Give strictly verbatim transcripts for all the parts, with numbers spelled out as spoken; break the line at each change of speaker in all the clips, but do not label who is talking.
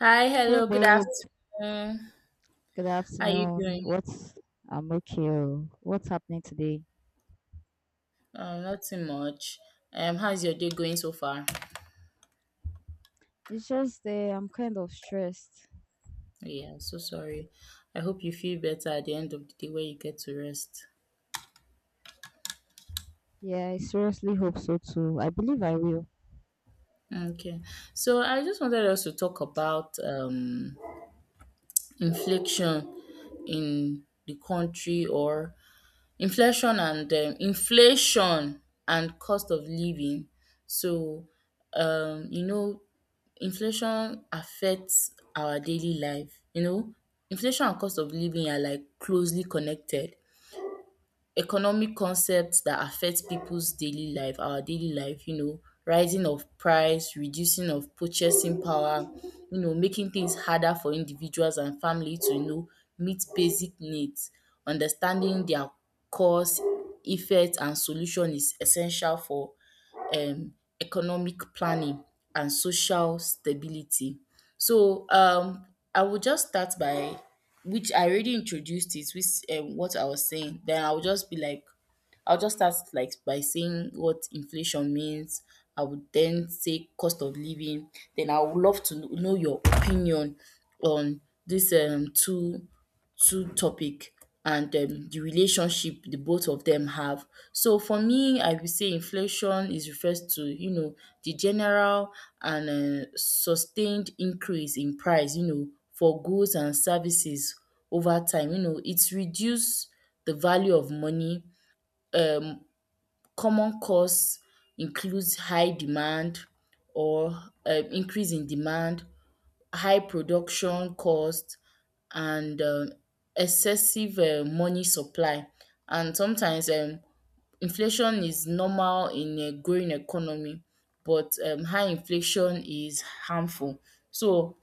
Hi,
Hey
hello, good
babe,
afternoon.
good
How you
afternoon.
doing?
What's I'm okay. oh. What's happening today?
Um, nothing much. Um, how's your day going so far?
It's just uh, I'm kind of stressed.
Yeah, I'm so sorry. I hope you feel better at the end of the day where you get to rest.
Yeah, I seriously hope so too. I believe I will.
Okay. So I just wanted us to talk about um inflation in the country. Or inflation and um inflation and cost of living. So um you know, inflation affects our daily life. You know, inflation and cost of living are like closely connected economic concepts that affect people's daily life, our daily life, you know, rising of price, reducing of purchasing power, you know, making things harder for individuals and family to, you know, meet basic needs. Understanding their cause, effect and solution is essential for um economic planning and social stability. So um I will just start by which I already introduced it, which um what I was saying. Then I will just be like I'll just start like by saying what inflation means. I would then say cost of living. Then I would love to kn- know your opinion on these um two two topic and um the relationship the both of them have. So for me, I would say inflation is refers to, you know, the general and um sustained increase in price, you know, for goods and services over time. You know, it's reduce the value of money. Um common cause includes high demand or um increase in demand, high production cost and um excessive um money supply, and sometimes um inflation is normal in a growing economy, but um high inflation is harmful. So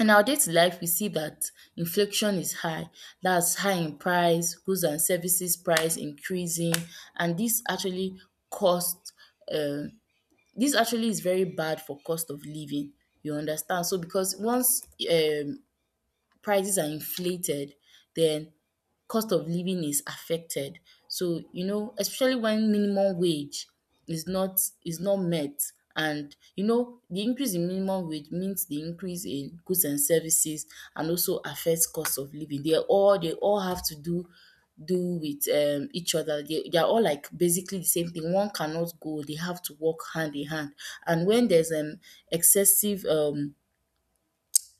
in our day to life we see that inflation is high, that's high in price, goods and services price increasing, and this actually cost um this actually is very bad for cost of living, you understand. So because once um prices are inflated, then cost of living is affected. So, you know, especially when minimum wage is not is not met, and you know the increase in minimum wage means the increase in goods and services and also affects cost of living. They are all they all have to do do with um, each other. They, they are all like basically the same thing. One cannot go. They have to work hand in hand. And when there's an excessive um,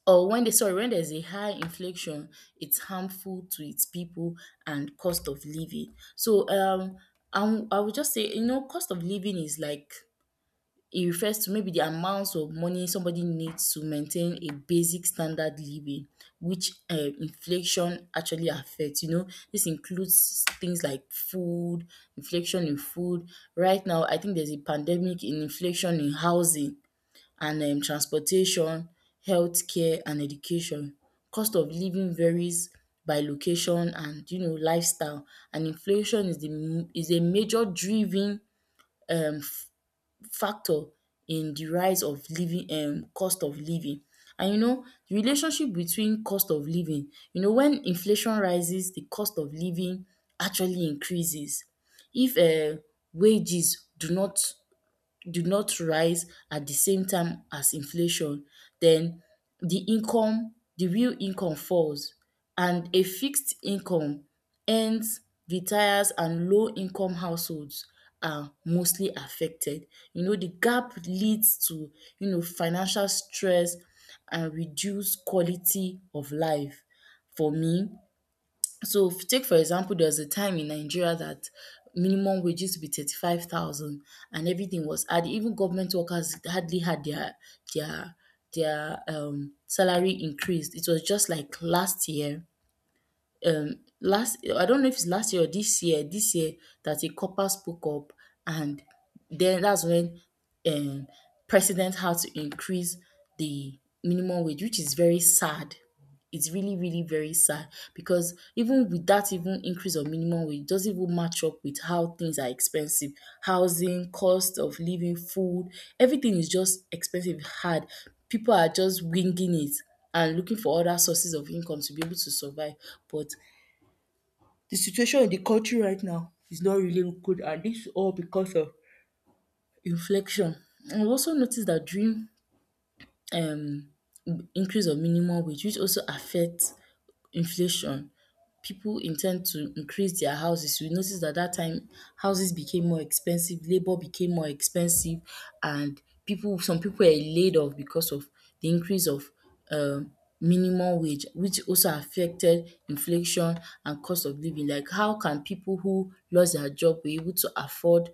or when they sorry, when there's a high inflation, it's harmful to its people and cost of living. So um I wou- I would just say, you know, cost of living is like it refers to maybe the amounts of money somebody needs to maintain a basic standard living, which uh, inflation actually affects. You know, this includes things like food, inflation in food. Right now, I think there's a pandemic in inflation in housing and um transportation, healthcare and education. Cost of living varies by location and you know lifestyle, and inflation is the m- is a major driven um factor in the rise of living um cost of living. And you know the relationship between cost of living, you know when inflation rises, the cost of living actually increases. If um wages do not do not rise at the same time as inflation, then the income, the real income falls, and a fixed income earns retires and low income households are mostly affected. You know, the gap leads to, you know, financial stress and reduced quality of life. For me, so f- take for example, there was a time in Nigeria that minimum wage used to be thirty five thousand, and everything was hard. Even government workers hardly had their their their um salary increased. It was just like last year. Um, last I don't know if it's last year or this year. This year that a copper spoke up, and then that's when um president had to increase the minimum wage, which is very sad. It's really, really very sad, because even with that even increase of minimum wage, it doesn't even match up with how things are expensive. Housing, cost of living, food, everything is just expensive, hard. People are just winging it and looking for other sources of income to be able to survive. But the situation in the country right now is not really good, and this is all because of inflation. And we also noticed that during um increase of minimum wage, which also affects inflation, people intend to increase their houses. We notice that that time houses became more expensive, labor became more expensive, and people some people were laid off because of the increase of um minimum wage, which also affected inflation and cost of living. Like how can people who lost their job be able to afford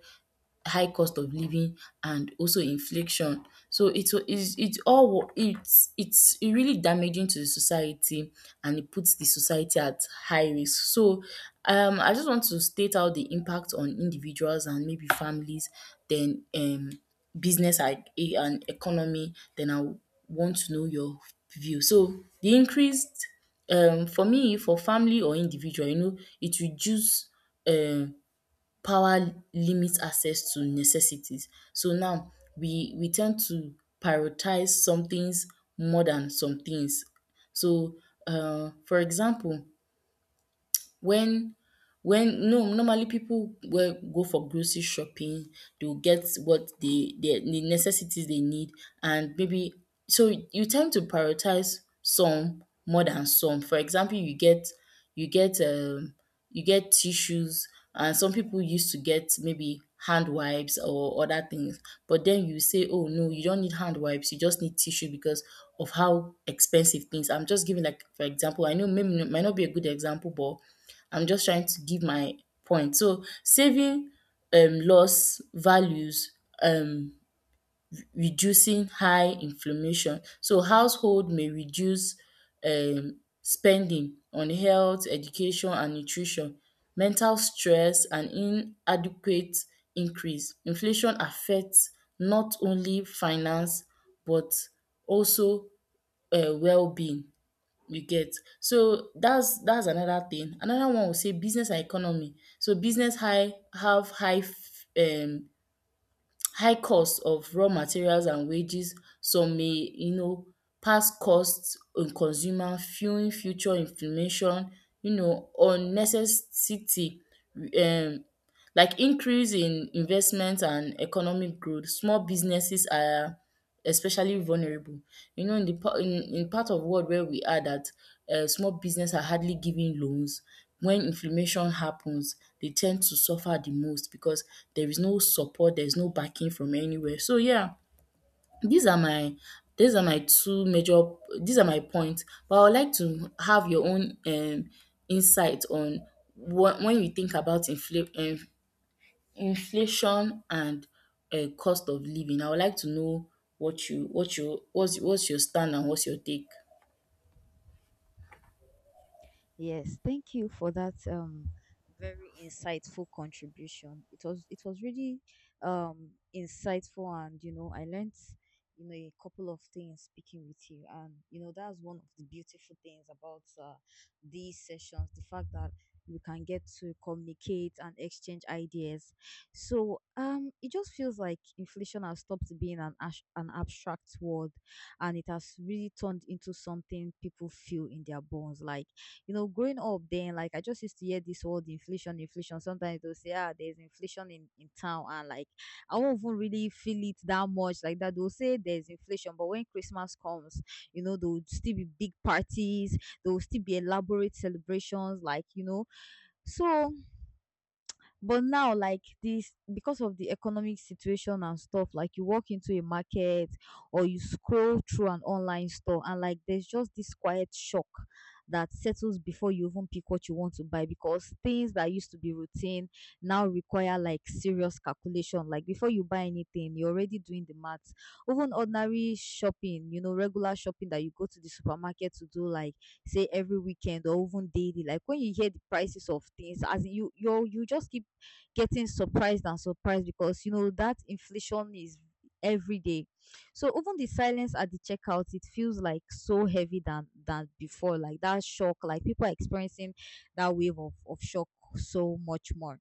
high cost of living and also inflation. So it's it's it's all wo- it's it's really damaging to the society, and it puts the society at high risk. So um I just want to state out the impact on individuals and maybe families, then um business and e- and economy, then I want to know your view. So the increased um for me for family or individual, you know, it reduce um power limits access to necessities. So now we we tend to prioritize some things more than some things. So uh, for example, when when no, normally people will go for grocery shopping, they'll get what they, they the necessities they need, and maybe so you tend to prioritize some more than some. For example, you get you get um you get tissues, and some people used to get maybe hand wipes or other things, but then you say, oh no, you don't need hand wipes, you just need tissue because of how expensive things. I'm just giving like for example, I know maybe it might not be a good example, but I'm just trying to give my point. So saving um loss values um reducing high inflammation. So household may reduce um spending on health, education and nutrition, mental stress and inadequate increase. Inflation affects not only finance, but also um well-being. You get. So that's that's another thing. Another one will say business and economy. So business high have high f- um high cost of raw materials and wages. Some may, you know, pass costs on consumer, fueling future inflammation, you know, unnecessity um like increase in investment and economic growth, small businesses are especially vulnerable. You know, in the pa- in, in part of world where we are that uh, small business are hardly giving loans. When inflammation happens, they tend to suffer the most because there is no support, there's no backing from anywhere. So yeah, these are my these are my two major these are my points. But I would like to have your own um insight on what when you think about infl- eh, inflation and um cost of living. I would like to know what you what you what's what's your stand and what's your take?
Yes, thank you for that um very insightful contribution. It was it was really um insightful, and you know I learnt you know a couple of things speaking with you. And you know that's one of the beautiful things about uh, these sessions, the fact that we can get to communicate and exchange ideas. So um it just feels like inflation has stopped being an ash- an abstract word, and it has really turned into something people feel in their bones. Like you know, growing up then, like I just used to hear this word inflation, inflation. Sometimes they'll say, ah, there's inflation in, in town, and like I won't even really feel it that much like that. They'll say there's inflation, but when Christmas comes, you know, there will still be big parties, there will still be elaborate celebrations, like you know. So but now, like this, because of the economic situation and stuff, like you walk into a market or you scroll through an online store, and like there's just this quiet shock that settles before you even pick what you want to buy, because things that used to be routine now require like serious calculation. Like before you buy anything, you're already doing the maths. Even ordinary shopping, you know, regular shopping that you go to the supermarket to do, like say every weekend or even daily. Like when you hear the prices of things, as in you you you just keep getting surprised and surprised because you know that inflation is every day. So even the silence at the checkout, it feels like so heavy than than before. Like that shock, like people are experiencing that wave of, of shock so much more.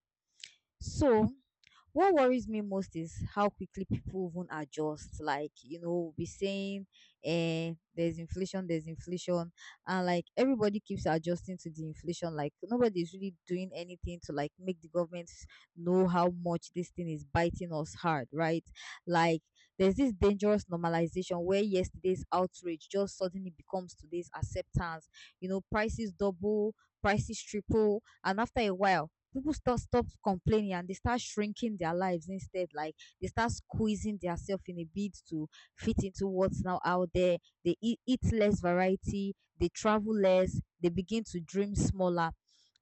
So what worries me most is how quickly people even adjust. Like, you know, be saying eh, there's inflation, there's inflation, and like everybody keeps adjusting to the inflation. Like nobody's really doing anything to like make the government know how much this thing is biting us hard, right? Like there's this dangerous normalization where yesterday's outrage just suddenly becomes today's acceptance. You know, prices double, prices triple, and after a while people start stop complaining and they start shrinking their lives instead. Like they start squeezing themselves in a bid to fit into what's now out there. They eat, eat less variety, they travel less, they begin to dream smaller.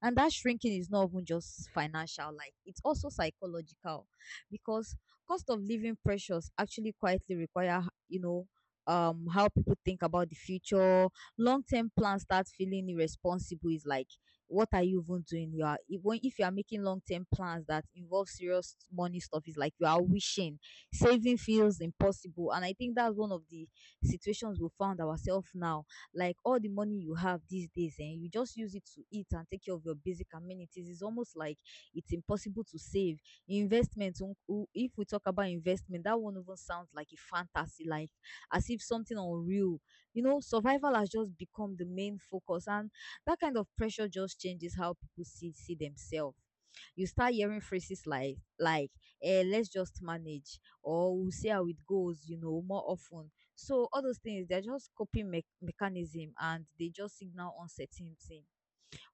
And that shrinking is not even just financial, like it's also psychological, because cost of living pressures actually quietly require you know um how people think about the future. Long-term plans start feeling irresponsible. Is like what are you even doing? You are if, when, if you are making long term plans that involve serious money stuff, it's like you are wishing. Saving feels impossible, and I think that's one of the situations we found ourselves now. Like all the money you have these days, and you just use it to eat and take care of your basic amenities. It's almost like it's impossible to save. Investment, um, u- if we talk about investment, that one even sounds like a fantasy, like as if something unreal. You know, survival has just become the main focus, and that kind of pressure just changes how people see see themselves. You start hearing phrases like like eh, let's just manage, or we'll see how it goes, you know, more often. So all those things, they're just coping me- mechanism, and they just signal uncertainty.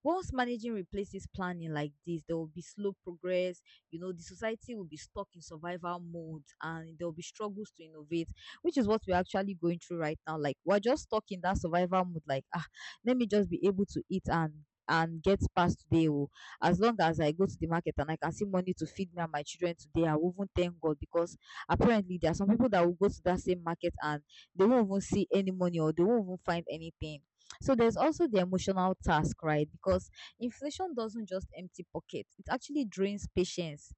Once managing replaces planning like this, there will be slow progress. You know, the society will be stuck in survival mode, and there will be struggles to innovate, which is what we're actually going through right now. Like, we're just stuck in that survival mode, like, ah, let me just be able to eat and and get past today. oh. As long as I go to the market and I can see money to feed me and my children today, I will even thank God, because apparently there are some people that will go to that same market and they won't even see any money, or they won't even find anything. So there's also the emotional task, right? Because inflation doesn't just empty pockets, it actually drains patience.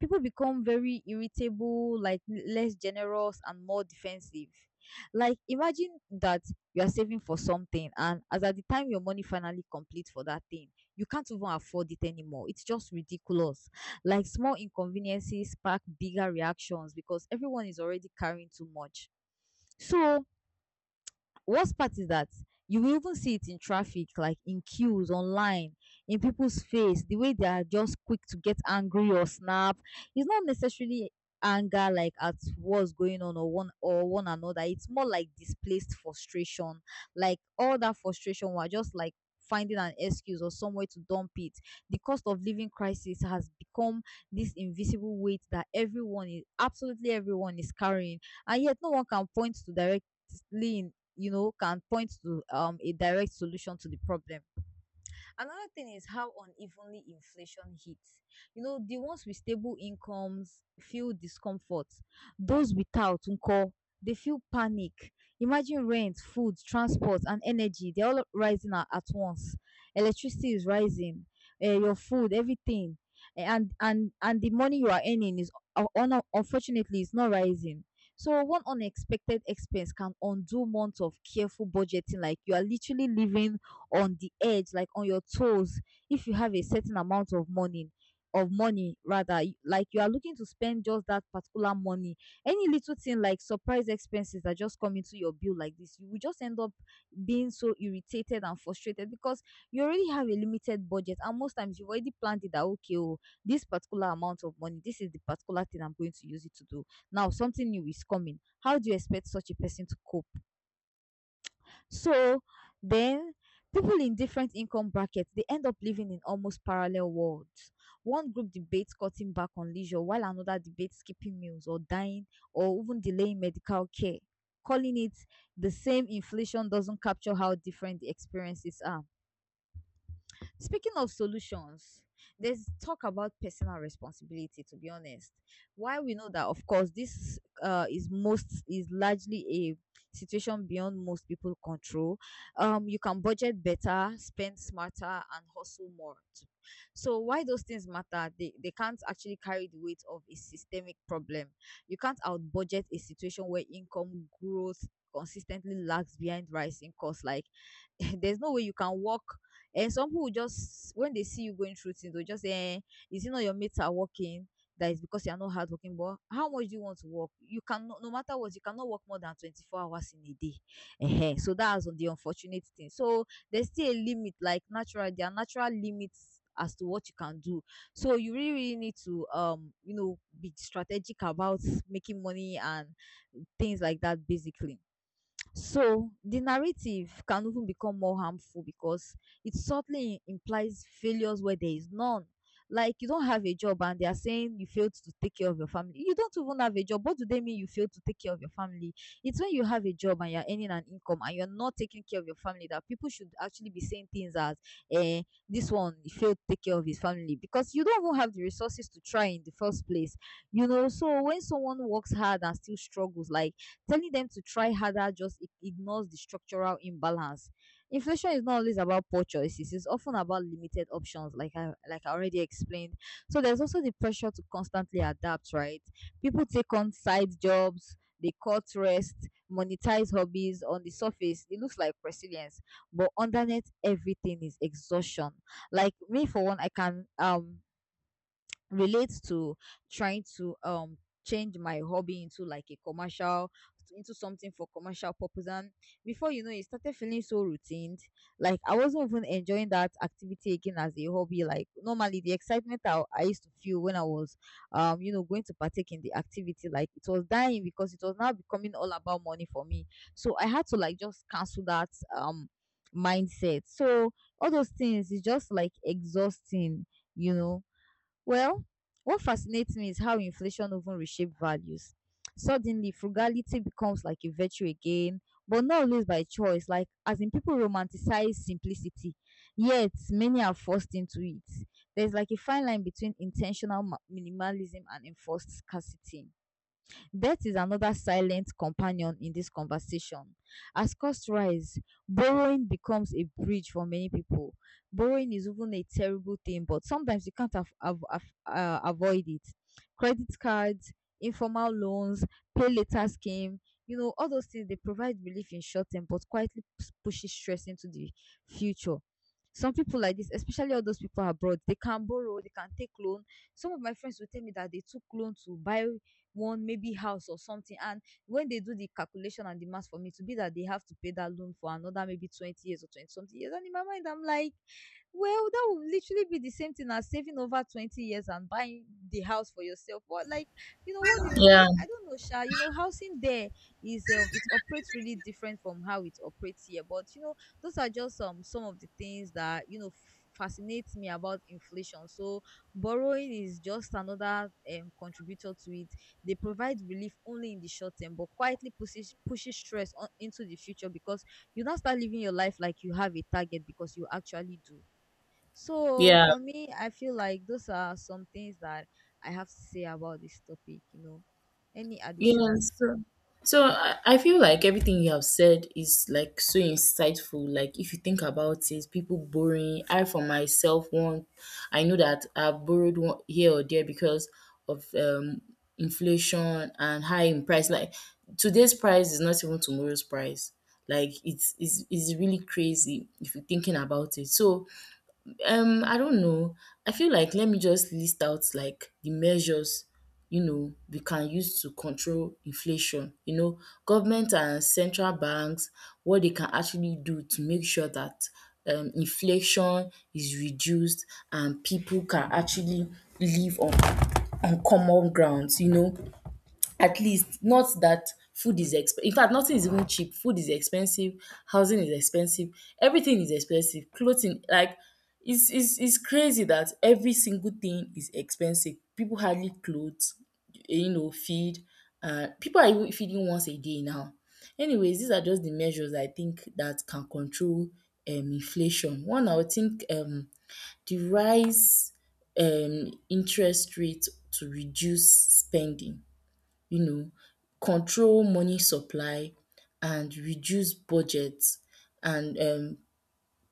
People become very irritable, like less generous and more defensive. Like imagine that you are saving for something, and as at the time your money finally complete for that thing, you can't even afford it anymore. It's just ridiculous. Like small inconveniences spark bigger reactions because everyone is already carrying too much. So worst part is that you will even see it in traffic, like in queues, online, in people's face, the way they are just quick to get angry or snap. It's not necessarily anger like at what's going on or one or one another. It's more like displaced frustration. Like all that frustration were just like finding an excuse or somewhere to dump it. The cost of living crisis has become this invisible weight that everyone, is absolutely everyone, is carrying, and yet no one can point to directly you know, can point to um, a direct solution to the problem. Another thing is how unevenly inflation hits. You know, the ones with stable incomes feel discomfort. Those without, unko, they feel panic. Imagine rent, food, transport, and energy. They're all rising a- at once. Electricity is rising, eh, your food, everything. Eh, And, and, and the money you are earning is, uh, un- unfortunately, is not rising. So one unexpected expense can undo months of careful budgeting. Like you are literally living on the edge, like on your toes, if you have a certain amount of money of money rather y- like you are looking to spend just that particular money. Any little thing like surprise expenses that just come into your bill like this, you will just end up being so irritated and frustrated, because you already have a limited budget, and most times you've already planned it that okay oh this particular amount of money, this is the particular thing I'm going to use it to do. Now something new is coming, how do you expect such a person to cope? So then people in different income brackets, they end up living in almost parallel worlds. One group debates cutting back on leisure while another debates skipping meals or dying or even delaying medical care. Calling it the same inflation doesn't capture how different the experiences are. Speaking of solutions, there's talk about personal responsibility, to be honest. While we know that, of course, this uh, is most is largely a situation beyond most people control. Um, you can budget better, spend smarter, and hustle more. Too. So why those things matter? They they can't actually carry the weight of a systemic problem. You can't out budget a situation where income growth consistently lags behind rising costs. Like there's no way you can work, and some people will just when they see you going through things, they'll just say, eh, is it not your mates are working? That is because you are not hardworking. But how much do you want to work? You can no matter what, you cannot work more than twenty-four hours in a day. Ehen, so that's the unfortunate thing. So there's still a limit, like natural, there are natural limits as to what you can do. So you really, really need to um, you know, be strategic about making money and things like that basically. So the narrative can even become more harmful because it subtly implies failures where there is none. Like you don't have a job and they are saying you failed to take care of your family. You don't even have a job. What do they mean you failed to take care of your family? It's when you have a job and you're earning an income and you're not taking care of your family that people should actually be saying things as eh, this one failed to take care of his family, because you don't even have the resources to try in the first place. You know, so when someone works hard and still struggles, like telling them to try harder just ig- ignores the structural imbalance. Inflation is not always about poor choices, it's often about limited options, like I, like I already explained. So there's also the pressure to constantly adapt, right? People take on side jobs, they cut rest, monetize hobbies on the surface. It looks like resilience, but underneath everything is exhaustion. Like me, for one, I can um relates to trying to um change my hobby into like a commercial into something for commercial purpose, and before you know it, started feeling so routine. Like I wasn't even enjoying that activity again as a hobby. Like normally the excitement I, I used to feel when I was um you know going to partake in the activity, like it was dying because it was now becoming all about money for me. So I had to like just cancel that um mindset. So all those things is just like exhausting you know well, what fascinates me is how inflation often reshapes values. Suddenly, frugality becomes like a virtue again, but not always by choice. Like, as in, people romanticize simplicity, yet many are forced into it. There's like a fine line between intentional ma- minimalism and enforced scarcity. Debt is another silent companion in this conversation. As costs rise, borrowing becomes a bridge for many people. Borrowing is even a terrible thing, but sometimes you can't af- av- af- uh, avoid it. Credit cards, informal loans, pay later scheme, you know, all those things, they provide relief in short term, but quietly p- pushes stress into the future. Some people like this, especially all those people abroad, they can borrow, they can take loan. Some of my friends will tell me that they took loan to buy one maybe house or something. And when they do the calculation and the math for me, to be that they have to pay that loan for another maybe twenty years or twenty something years. And in my mind, I'm like, well, that would literally be the same thing as saving over twenty years and buying the house for yourself. But like, you know what you
Yeah,
like, I don't know, Sha, you know, housing there is um it operates really different from how it operates here. But you know, those are just um some of the things that you know f- fascinates me about inflation. So borrowing is just another um contributor to it. They provide relief only in the short term, but quietly pushes pushes stress on into the future because you now start living your life like you have a target because you actually do. So
yeah.
for me, I feel like those are some things that I have to say about this topic, you know. Any
Yes.
additions?
So, so I, I feel like everything you have said is like so insightful. Like if you think about it, people borrowing. I for myself want. I know that I've borrowed one here or there because of um inflation and high in price. Like today's price is not even tomorrow's price. Like it's it's, it's really crazy if you're thinking about it. So um I don't know, I feel like let me just list out like the measures, you know, we can use to control inflation, you know, government and central banks, what they can actually do to make sure that um inflation is reduced and people can actually live on on common grounds, you know, at least not that food is exp- in fact nothing is even cheap. Food is expensive, housing is expensive, everything is expensive, clothing. Like it's it's it's crazy that every single thing is expensive. People hardly clothes, you know, feed. Uh, people are even feeding once a day now. Anyways, these are just the measures I think that can control um inflation. One, I would think, um the rise um interest rate to reduce spending, you know, control money supply and reduce budgets, and um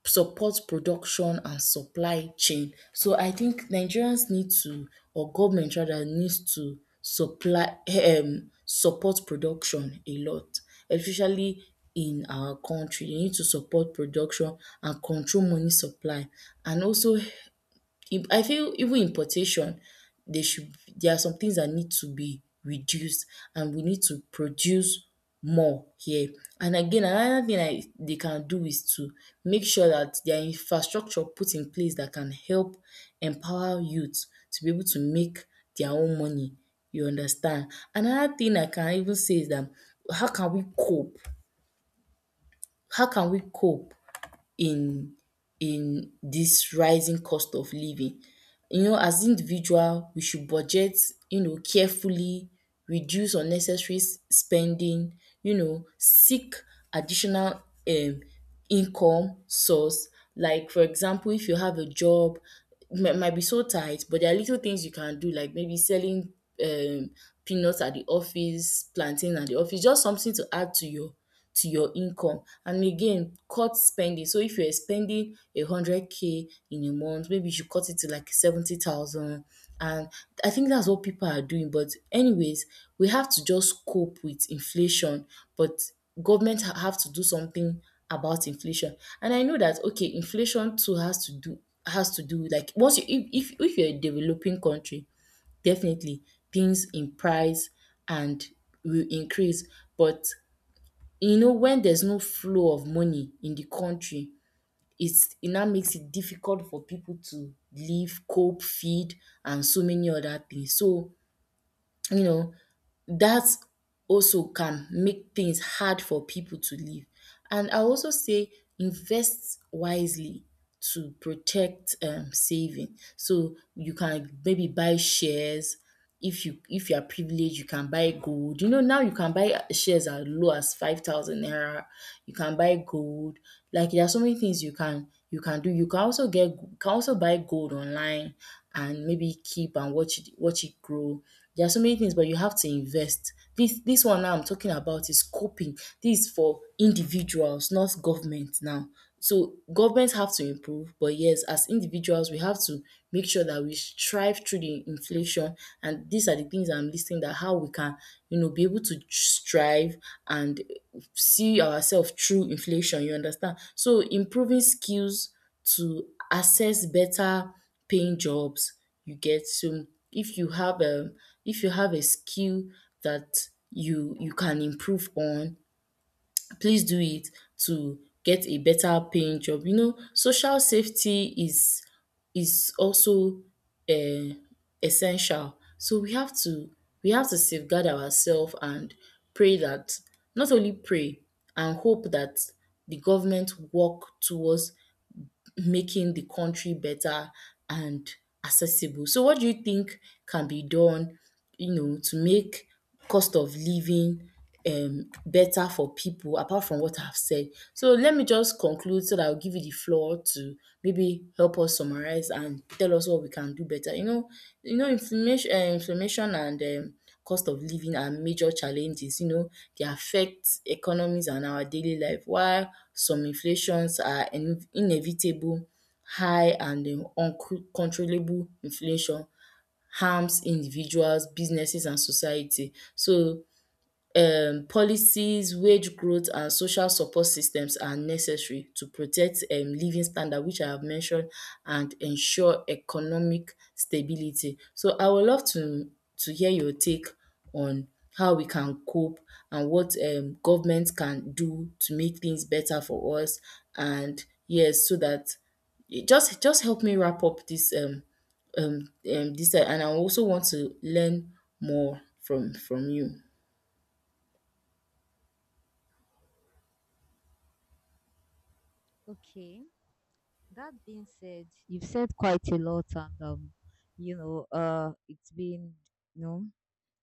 support production and supply chain. So I think Nigerians need to or government rather needs to supply um support production a lot, especially in our country. They need to support production and control money supply, and also if I feel even importation, they should there are some things that need to be reduced and we need to produce more here. And again, another thing I they can do is to make sure that their infrastructure put in place that can help empower youth to be able to make their own money. You understand? Another thing I can even say is that how can we cope? How can we cope in in this rising cost of living. You know, as individual, we should budget, you know, carefully, reduce unnecessary s- spending, you know, seek additional um income source. Like for example, if you have a job, might, might be so tight, but there are little things you can do, like maybe selling um peanuts at the office, plantain at the office, just something to add to your to your income. And again, cut spending. So if you're spending a hundred k in a month, maybe you should cut it to like seventy thousand. And I think that's what people are doing, but anyways, we have to just cope with inflation. But government ha- have to do something about inflation. And I know that, okay, inflation too has to do, has to do like once you, if if, if you're a developing country, definitely things in price and will increase. But you know, when there's no flow of money in the country, it's, it now makes it difficult for people to live, cope, feed, and so many other things. So, you know, that also can make things hard for people to live. And I also say, invest wisely to protect um, saving. So you can maybe buy shares. If you if you are privileged, you can buy gold. You know, now you can buy shares as low as five thousand naira. You can buy gold. Like there are so many things you can you can do. You can also get you can also buy gold online and maybe keep and watch it watch it grow. There are so many things, but you have to invest. This this one now I'm talking about is coping. This is for individuals, not government now. So governments have to improve, but yes, as individuals, we have to make sure that we strive through the inflation. And these are the things I'm listing, that how we can, you know, be able to strive and see ourselves through inflation. You understand? So, improving skills to access better paying jobs, you get. So if you have a if you have a skill that you you can improve on, please do it to get a better paying job. You know, social safety is is also uh, essential. So we have to we have to safeguard ourselves and pray that, not only pray and hope that the government work towards making the country better and accessible. So what do you think can be done, you know, to make cost of living um better for people, apart from what I've said? So let me just conclude, so that I'll give you the floor to maybe help us summarize and tell us what we can do better. You know, you know, inflammation um inflammation and um cost of living are major challenges. You know, they affect economies and our daily life. While some inflations are in- inevitable, high and um uncontrollable inflation harms individuals, businesses and society. So um policies, wage growth and social support systems are necessary to protect um living standard, which I have mentioned, and ensure economic stability. So I would love to to hear your take on how we can cope and what um government can do to make things better for us. And yes, so that, just just help me wrap up this um um um this uh, and I also want to learn more from from you.
Okay, that being said, you've said quite a lot, and um, you know, uh, it's been, you know.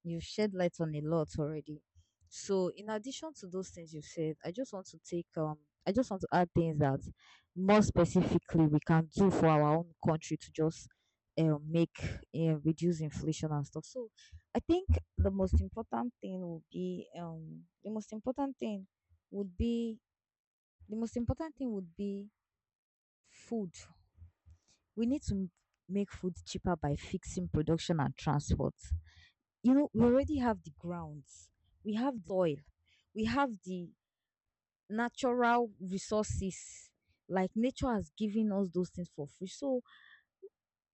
You've shed light on a lot already. So, in addition to those things you've said, I just want to take um, I just want to add things that more specifically we can do for our own country to just um, make uh, reduce inflation and stuff. So, I think the most important thing would be um, the most important thing would be the most important thing would be food. We need to m- make food cheaper by fixing production and transport. You know, we already have the grounds, we have the soil, we have the natural resources. Like nature has given us those things for free. So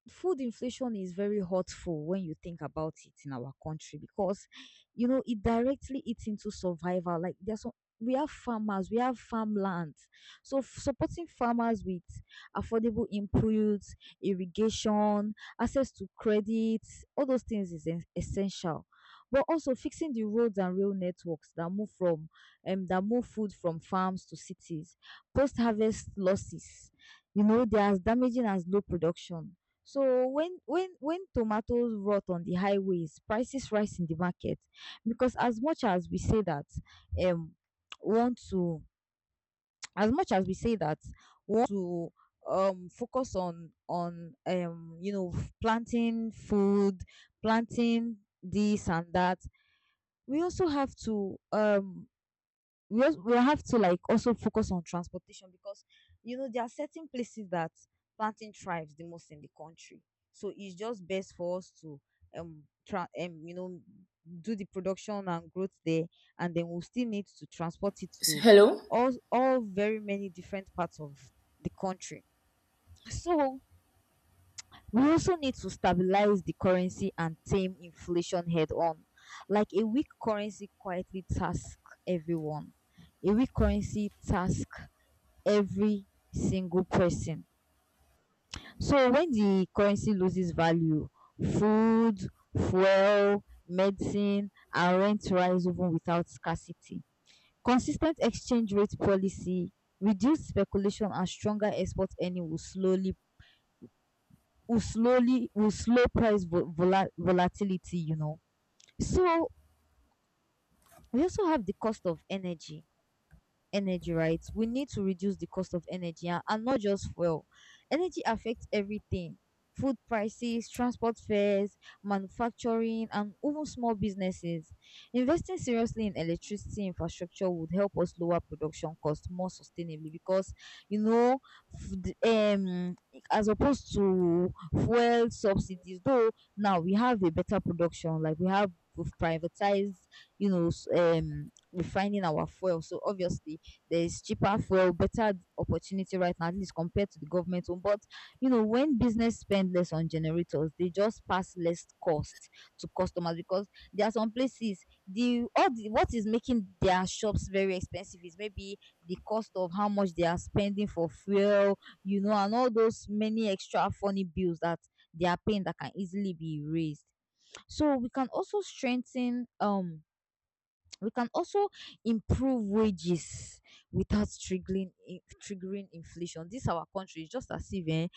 food inflation is very hurtful when you think about it in our country, because you know it directly eats into survival. Like there's some, we have farmers, we have farmland, so f- supporting farmers with affordable inputs, irrigation, access to credit, all those things is es- essential. But also fixing the roads and rail networks that move from um, that move food from farms to cities. Post harvest losses, you know, they're as damaging as low production. So when when when tomatoes rot on the highways, prices rise in the market. Because as much as we say that um want to as much as we say that want to um focus on on um you know f- planting food, planting this and that, we also have to um we also, we have to like also focus on transportation because you know there are certain places that planting thrives the most in the country. So it's just best for us to um tra- um you know do the production and growth there, and then we'll still need to transport it
S-
to
Hello?
all all very many different parts of the country. So we also need to stabilize the currency and tame inflation head on. Like a weak currency quietly task everyone. A weak currency task every single person. So when the currency loses value, food, fuel, medicine, and rent rise even without scarcity. Consistent exchange rate policy, reduced speculation, and stronger export earning will slowly will slowly will slow price vol- vola- volatility, you know. So we also have the cost of energy, energy, right? We need to reduce the cost of energy, and, and not just fuel. Energy affects everything: food prices, transport fares, manufacturing, and even small businesses. Investing seriously in electricity infrastructure would help us lower production costs more sustainably, because, you know, f- the- um, as opposed to fuel subsidies, though now we have a better production, like we have we've privatized, you know, s- um refining our fuel, so obviously there's cheaper fuel, better opportunity right now, at least compared to the government one. But you know, when business spend less on generators, they just pass less cost to customers. Because there are some places, the all the what is making their shops very expensive is maybe the cost of how much they are spending for fuel, you know, and all those many extra funny bills that they are paying that can easily be raised. So we can also strengthen um we can also improve wages without triggering in- triggering inflation. This our country is just as if eh,